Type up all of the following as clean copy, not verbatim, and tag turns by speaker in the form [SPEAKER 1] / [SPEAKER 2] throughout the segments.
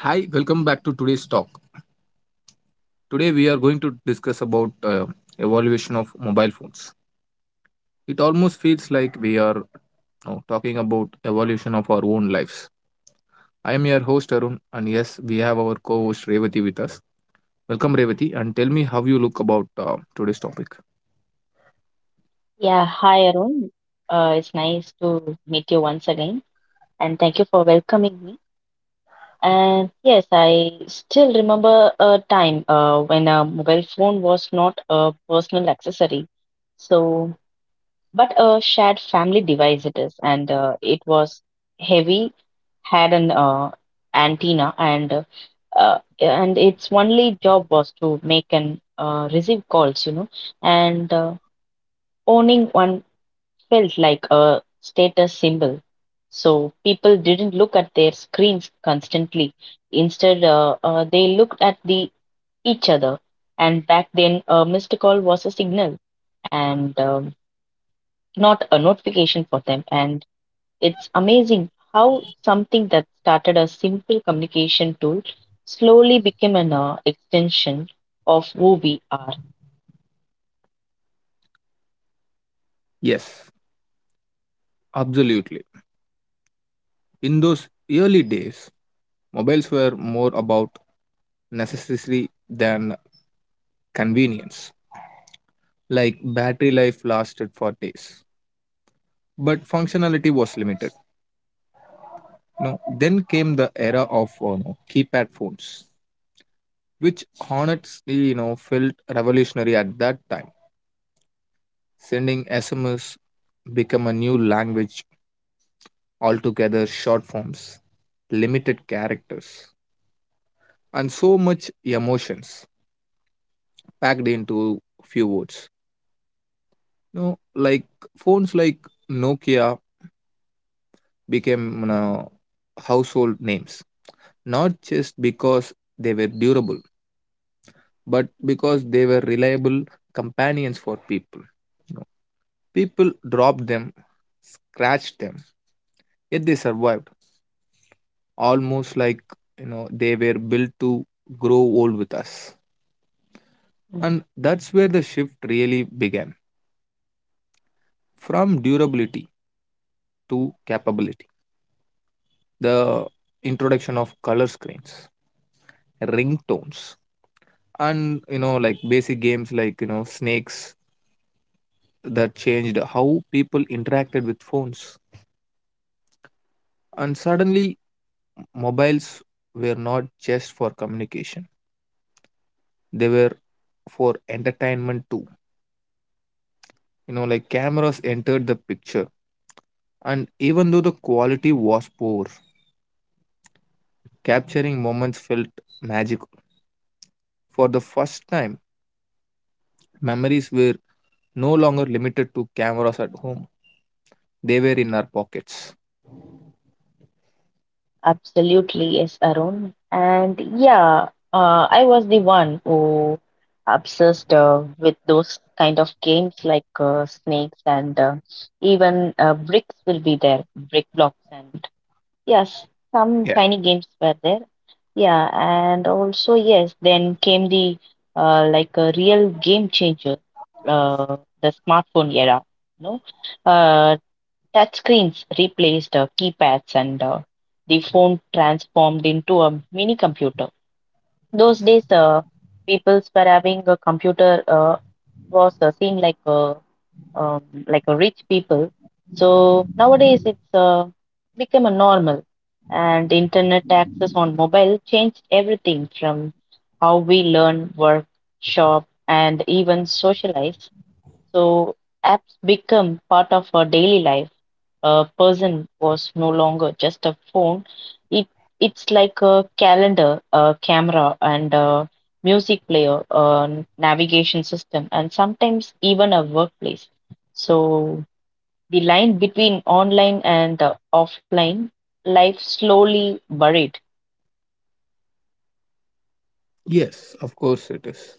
[SPEAKER 1] Hi, welcome back to today's talk. Today we are going to discuss about evolution of mobile phones. It almost feels like we are now talking about evolution of our own lives. I am your host Arun, and yes, we have our co-host Revati with us. Welcome Revati, and tell me how you look about today's topic.
[SPEAKER 2] Yeah, hi Arun. It's nice to meet you once again, and thank you for welcoming me. And yes, I still remember a time when a mobile phone was not a personal accessory, so but a shared family device it is, and it was heavy, had an antenna, and its only job was to make and receive calls, and owning one felt like a status symbol. So people didn't look at their screens constantly. Instead, they looked at the each other. And back then, a missed call was a signal and not a notification for them. And it's amazing how something that started a simple communication tool slowly became an extension of who we are.
[SPEAKER 1] Yes, absolutely. In those early days, mobiles were more about necessity than convenience. Like battery life lasted for days but functionality was limited. You know, then came the era of you know, keypad phones, which honestly, you know, felt revolutionary at that time. Sending SMS became a new language altogether, short forms, limited characters, and so much emotions packed into few words. You know, like phones like Nokia became, you know, household names, not just because they were durable but because they were reliable companions for people. You know, people dropped them, scratched them, yet they survived, almost like, you know, they were built to grow old with us. And that's where the shift really began from durability to capability. The introduction of color screens, ringtones, and, you know, like basic games like, you know, snakes that changed how people interacted with phones, and suddenly mobiles were not just for communication, they were for entertainment too. You know, like cameras entered the picture, and even though the quality was poor, capturing moments felt magical. For the first time, memories were no longer limited to cameras at home, they were in our pockets.
[SPEAKER 2] Absolutely, yes, Arun. And yeah, I was the one who obsessed with those kind of games like snakes and even bricks will be there, brick blocks and yes, some
[SPEAKER 1] Yeah.
[SPEAKER 2] tiny games were there. Yeah, and also yes, then came the like a real game changer, the smartphone era. No, uh, touchscreens replaced keypads and the phone transformed into a mini computer. Those days, people were having a computer was seen like a rich people. So nowadays, it's become a normal, and internet access on mobile changed everything from how we learn, work, shop, and even socialize. So apps become part of our daily life person was no longer just a phone. It it's like a calendar, a camera, and a music player, a navigation system, and sometimes even a workplace. So the line between online and offline life slowly buried.
[SPEAKER 1] Yes, of course it is.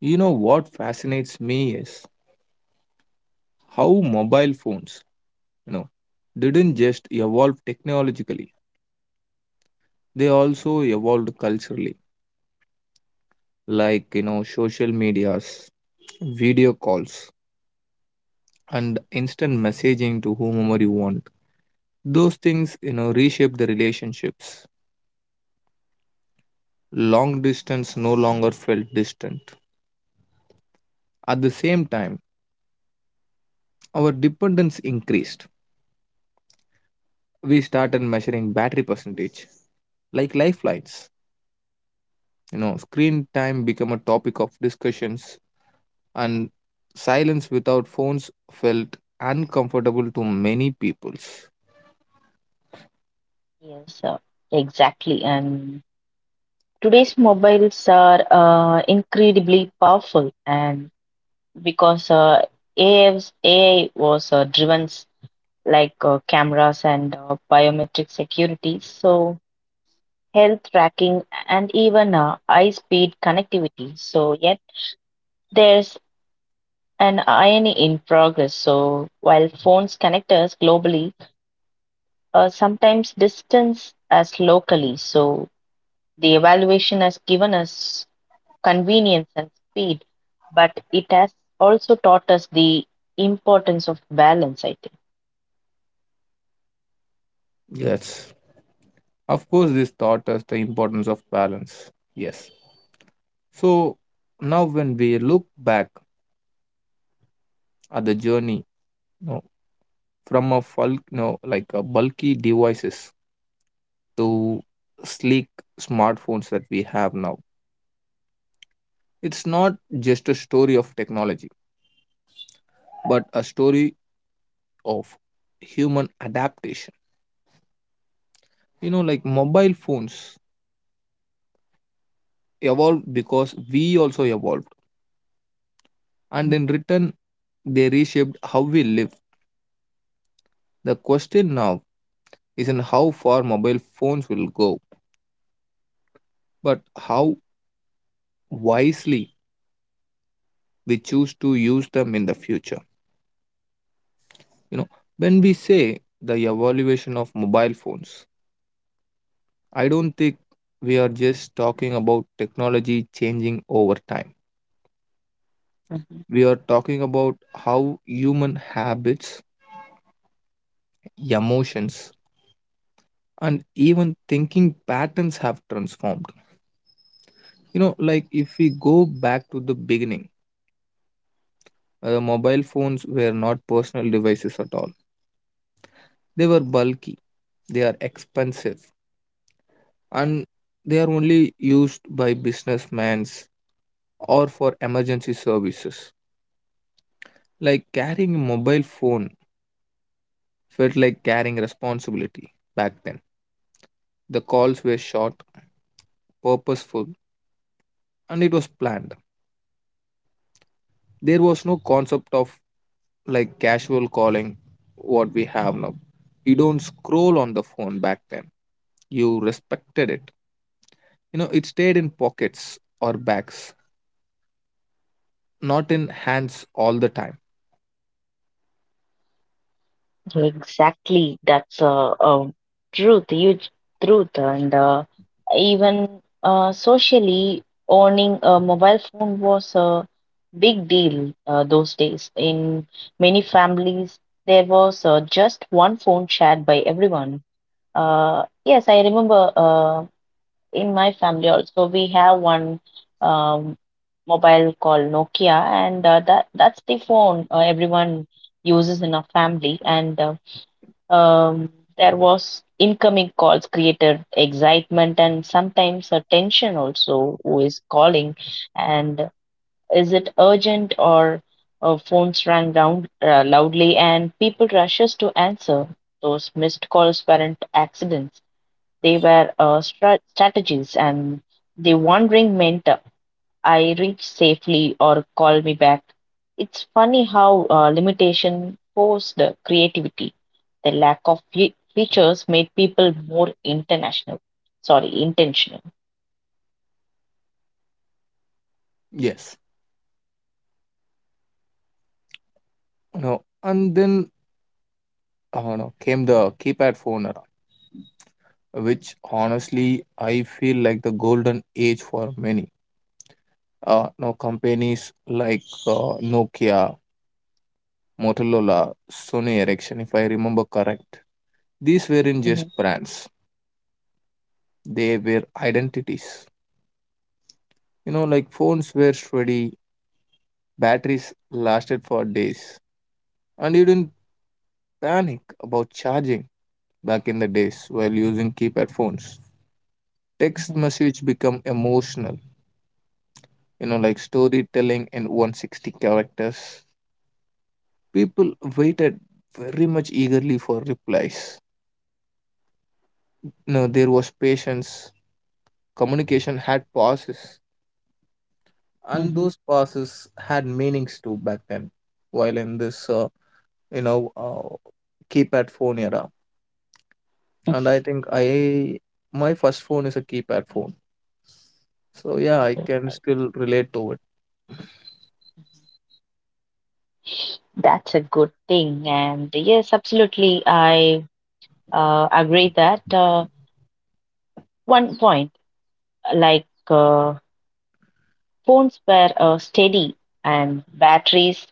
[SPEAKER 1] You know what fascinates me is how mobile phones, you know, didn't just evolve technologically. They also evolved culturally, like, you know, social medias, video calls, and instant messaging to whomever you want. Those things, you know, reshaped the relationships. Long distance no longer felt distant. At the same time, our dependence increased. We started measuring battery percentage, like lifelines. You know, screen time became a topic of discussions, and silence without phones felt uncomfortable to many peoples.
[SPEAKER 2] Yes, exactly. And today's mobiles are incredibly powerful, and because AI was A I was driven like cameras and biometric security, so health tracking, and even high speed connectivity. So, yet there's an irony in progress. So, while phones connect us globally, sometimes distance us locally. So, the evaluation has given us convenience and speed, but it has also taught us the importance of balance, I
[SPEAKER 1] Yes. Of course, this taught us the importance of balance. Yes. So now, when we look back at the journey, you know, from a bulk, you know, like a bulky devices to sleek smartphones that we have now, it's not just a story of technology, but a story of human adaptation. You know, like mobile phones evolved because we also evolved, and
[SPEAKER 2] think.
[SPEAKER 1] in return, they reshaped how we live. The question now isn't how far mobile phones will go, but how wisely we choose to use them in the future. You know, when we say the evaluation of mobile phones, I don't think we are just talking about technology changing over time.
[SPEAKER 2] Mhm.
[SPEAKER 1] We are talking about how human habits, emotions, and even thinking patterns have transformed. You know, like if we go back to the beginning, mobile phones were not personal devices at all. They were bulky, they are expensive, and they are only used by businessmen or for emergency services. Like carrying a mobile phone felt like carrying responsibility back then. The calls were short, purposeful, and it was planned. There was no concept of like casual calling what we have now. You don't scroll on the phone back then. You respected it. You know, it stayed in pockets or bags, not in hands all the time.
[SPEAKER 2] Exactly, that's a truth, huge truth, and even socially, owning a mobile phone was a big deal those days. In many families, there was just one phone shared by everyone. Yes, I remember in my family also we have one um, mobile called Nokia, and that's the phone everyone uses in our family, and um, there was incoming calls created excitement and sometimes a tension also who is calling and is it urgent or phones rang round loudly and people rushes to answer those missed calls weren't accidents, they were strategies and the wandering meant I reach safely or call me back. It's funny how limitation forced the creativity. The lack of features made people more international. Sorry, intentional.
[SPEAKER 1] Yes. No. And then no, came the keypad phone era, which honestly I feel like the golden age for many. No companies like Nokia, Motorola, Sony Ericsson, if I remember correct. These weren't
[SPEAKER 2] Hmm.
[SPEAKER 1] just brands; they were identities. You know, like phones were sturdy, batteries lasted for days, and you didn't panic about charging back in the days while using keypad phones. Text
[SPEAKER 2] Hmm.
[SPEAKER 1] message become emotional, you know, like storytelling in 160 characters. People waited very much eagerly for replies. No, there was patience. Communication had pauses, and
[SPEAKER 2] Hmm.
[SPEAKER 1] those pauses had meanings too back then, while in this you know, keypad phone era. And
[SPEAKER 2] Hmm.
[SPEAKER 1] I think I my first phone is a keypad phone, so yeah,
[SPEAKER 2] Oh,
[SPEAKER 1] I can still relate to it.
[SPEAKER 2] that's a good thing. And yes, absolutely, I agree that one point, like phones were steady and batteries,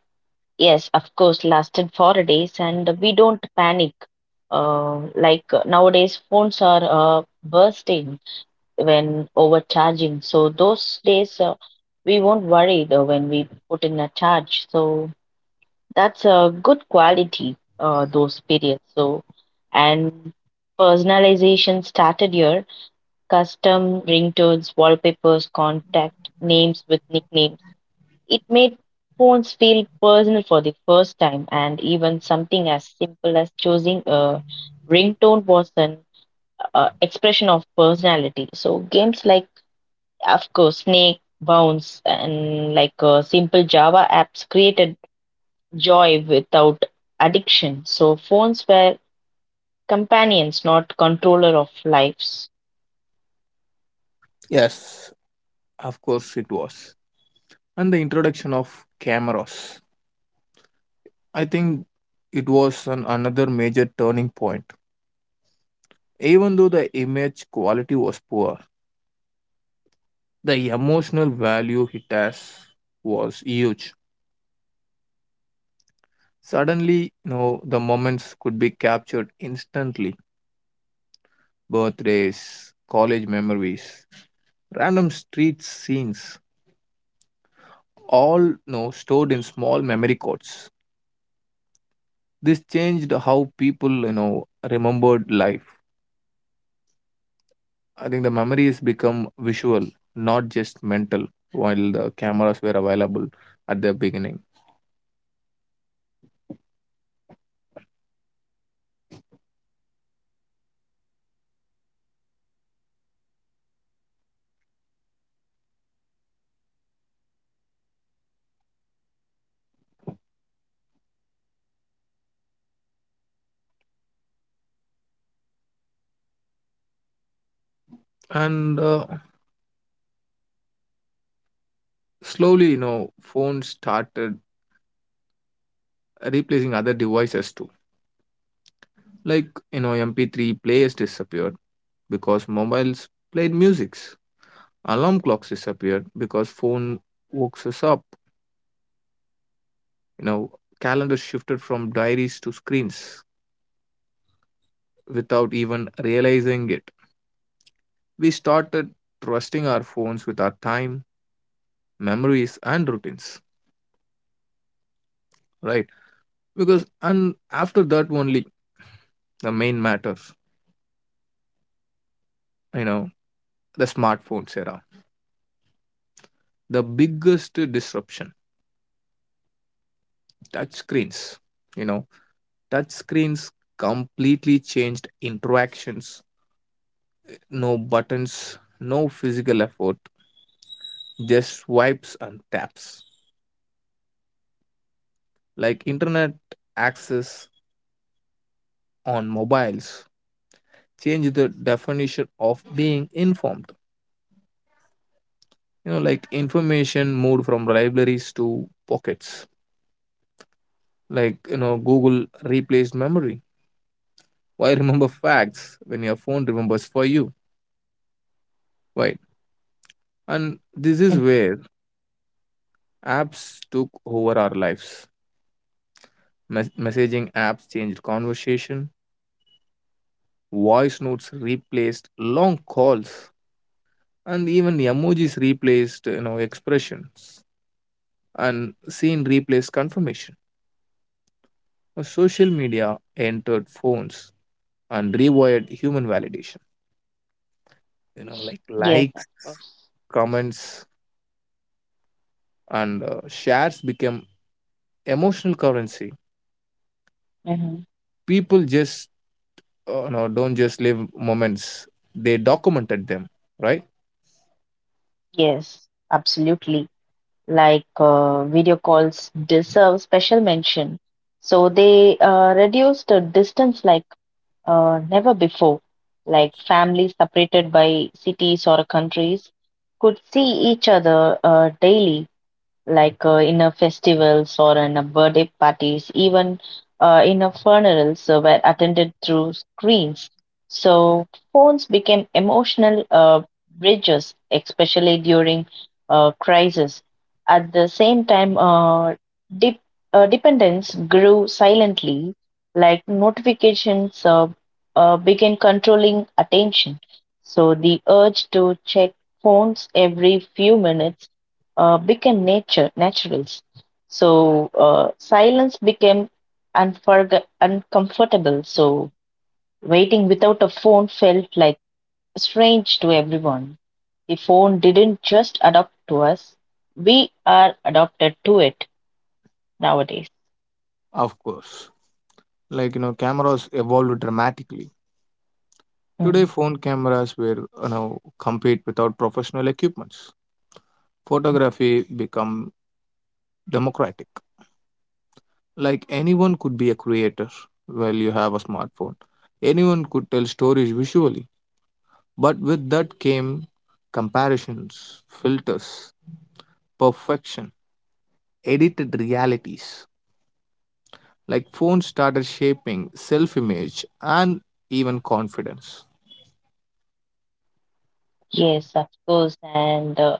[SPEAKER 2] yes, of course, lasted 4 days, and we don't panic. Like nowadays, phones are bursting when overcharging. So those days, we won't worry though when we put in a charge. So that's a good quality. Those periods. So, and personalization started here. Custom ringtones, wallpapers, contact names with nicknames, it made phones feel personal for the first time, and even something as simple as choosing a ringtone was an expression of personality. So, games like, of course, Snake, Bounce, and like simple Java apps created joy without addiction. So, phones were companions, not controller of lives.
[SPEAKER 1] Yes, of course it was. And the introduction of cameras. I think it was an, another major turning point. Even though the image quality was poor, the emotional value it has was huge. Suddenly, you know, the moments could be captured instantly. Birthdays, college memories, random street scenes, all, you know, stored in small memory cards. This changed how people, you know, remembered life. I think the memories become visual, not just mental, while the cameras were available at the beginning. And slowly, you know, phones started replacing other devices too. Like, you know, MP3 players disappeared because mobiles played musics. Alarm clocks disappeared because phone wakes us up. You know, calendars shifted from diaries to screens without even realizing it. We started trusting our phones with our time, memories, and routines. Right, because, and after that only the main matters, you know, the smartphones era, the biggest disruption. Touch screens, you know, touch screens completely changed interactions. No buttons, no physical effort, just swipes and taps. Like internet access on mobiles changed the definition of being informed. You know, like information moved from libraries to pockets. Like, you know, Google replaced memory. Why remember facts when your phone remembers for you? Right. And this is
[SPEAKER 2] Mhm.
[SPEAKER 1] where apps took over our lives. Messaging apps changed conversation, voice notes replaced long calls, and even emojis replaced, you know, expressions, and scene replaced confirmation. Social media entered phones and rewired human validation. You know, like
[SPEAKER 2] Yes, of
[SPEAKER 1] likes,
[SPEAKER 2] course.
[SPEAKER 1] comments, and shares become emotional currency.
[SPEAKER 2] Mhm.
[SPEAKER 1] People just no don't just live moments, they documented them. Right.
[SPEAKER 2] Yes, absolutely. Like video calls deserve special mention. So they reduced the distance like never before. Like families separated by cities or countries could see each other daily, like in a festivals or in a birthday parties, even in a funerals were attended through screens. So phones became emotional bridges, especially during crisis. At the same time, dip, dependence grew silently, like notifications began controlling attention. So the urge to check phones every few minutes became nature naturals. So silence became uncomfortable. So waiting without a phone felt like strange to everyone. The phone didn't just adopt to us; we are adopted to it nowadays.
[SPEAKER 1] Of course. Like, you know, cameras evolved dramatically. Today,
[SPEAKER 2] Mm.
[SPEAKER 1] phone cameras were, you know, compete without professional equipments. Photography become democratic. Like anyone could be a creator while you have a smartphone. Anyone could tell stories visually. But with that came comparisons, filters, perfection, edited realities. Like phones started shaping self image and even confidence.
[SPEAKER 2] Yes, of course, and uh,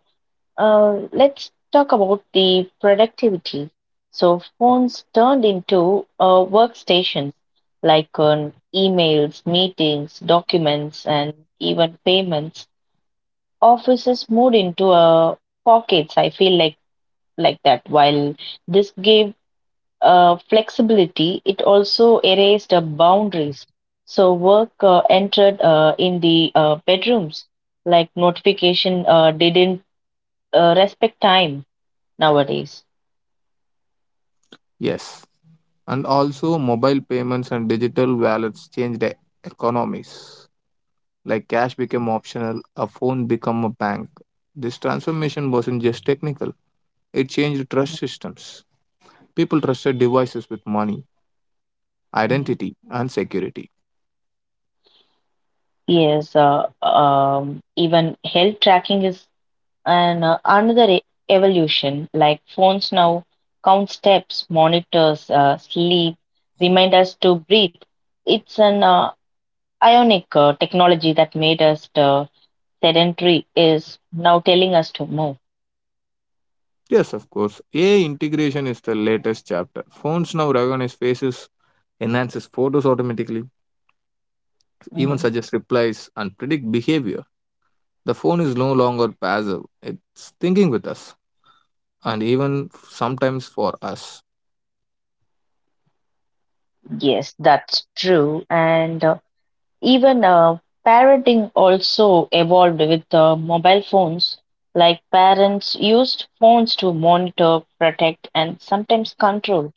[SPEAKER 2] Uh, let's talk about the productivity. So, phones turned into workstations like emails, meetings, documents, and even payments. Offices moved into pockets. I feel like that. While this gave flexibility, it also erased boundaries. So, work entered in the bedrooms. Like notification didn't respect time nowadays.
[SPEAKER 1] Yes, and also mobile payments and digital wallets changed the economies. Like cash became optional, a phone became a bank. This transformation wasn't just technical, it changed trust systems. People trusted devices with money,
[SPEAKER 2] Mhm.
[SPEAKER 1] identity, and security.
[SPEAKER 2] Yes, even health tracking is an another evolution. Like phones now count steps, monitors sleep, remind us to breathe. It's an ionic technology that made us sedentary is now telling us to move.
[SPEAKER 1] Yes, of course. AI integration is the latest chapter. Phones now recognize faces, enhances photos automatically, even
[SPEAKER 2] Mhm.
[SPEAKER 1] suggest replies, and predict behavior. The phone is no longer passive, it's thinking with us, and even sometimes for us.
[SPEAKER 2] Yes, that's true. And even parenting also evolved with mobile phones. Like parents used phones to monitor, protect, and sometimes control.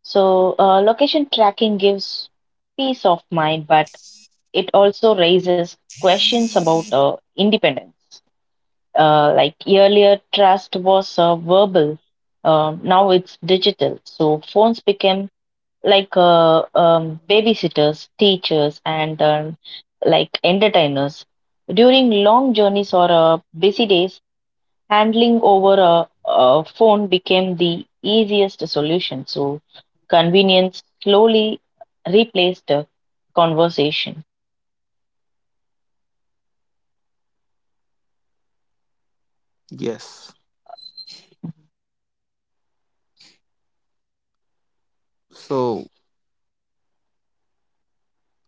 [SPEAKER 2] So, location tracking gives peace of mind, but it also raises questions about independence. Like earlier, trust was verbal. Now it's digital. So phones became like babysitters, teachers, and like entertainers. During long journeys or busy days, handling over a phone became the easiest solution. So, convenience slowly replaced the conversation.
[SPEAKER 1] Yes. So,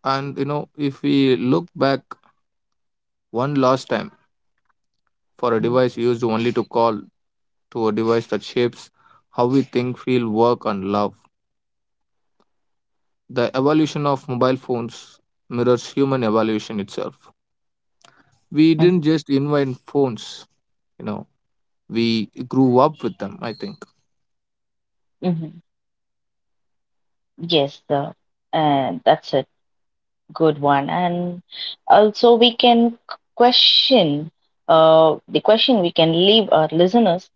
[SPEAKER 1] and you know, if we look back one last time, for a device used only to call, to a device that shapes how we think, feel, work, and love, the evolution of phones mirrors human evolution itself. We didn't just invent phones, you know, we grew up with them, I think.
[SPEAKER 2] Mm-hmm. Yes, that's a good one. And also, we can question question we can leave our listeners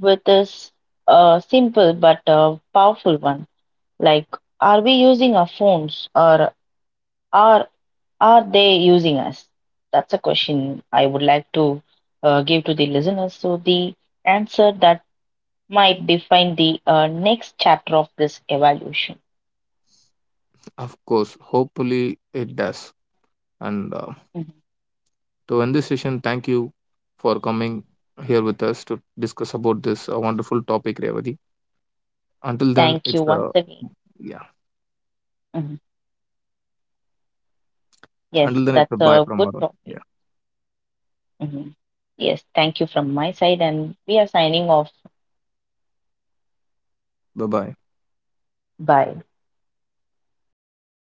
[SPEAKER 2] with, this simple but powerful one, like are we using our phones or are are they using us? That's a question I would like to give to the listeners, so the answer that might define the next chapter of this evaluation.
[SPEAKER 1] Of course, hopefully it does. And
[SPEAKER 2] Mhm.
[SPEAKER 1] to end this session, thank you for coming here with us to discuss about this wonderful topic, Revati. Until then,
[SPEAKER 2] Thank
[SPEAKER 1] it's
[SPEAKER 2] you once
[SPEAKER 1] a
[SPEAKER 2] again.
[SPEAKER 1] yeah.
[SPEAKER 2] Mhm. Yes,
[SPEAKER 1] Until then, it's a
[SPEAKER 2] that's
[SPEAKER 1] bye
[SPEAKER 2] a
[SPEAKER 1] from
[SPEAKER 2] good
[SPEAKER 1] Arun.
[SPEAKER 2] topic.
[SPEAKER 1] Yeah.
[SPEAKER 2] Mhm. Yes, thank you from my side, and we are signing off.
[SPEAKER 1] Bye bye.
[SPEAKER 2] Bye.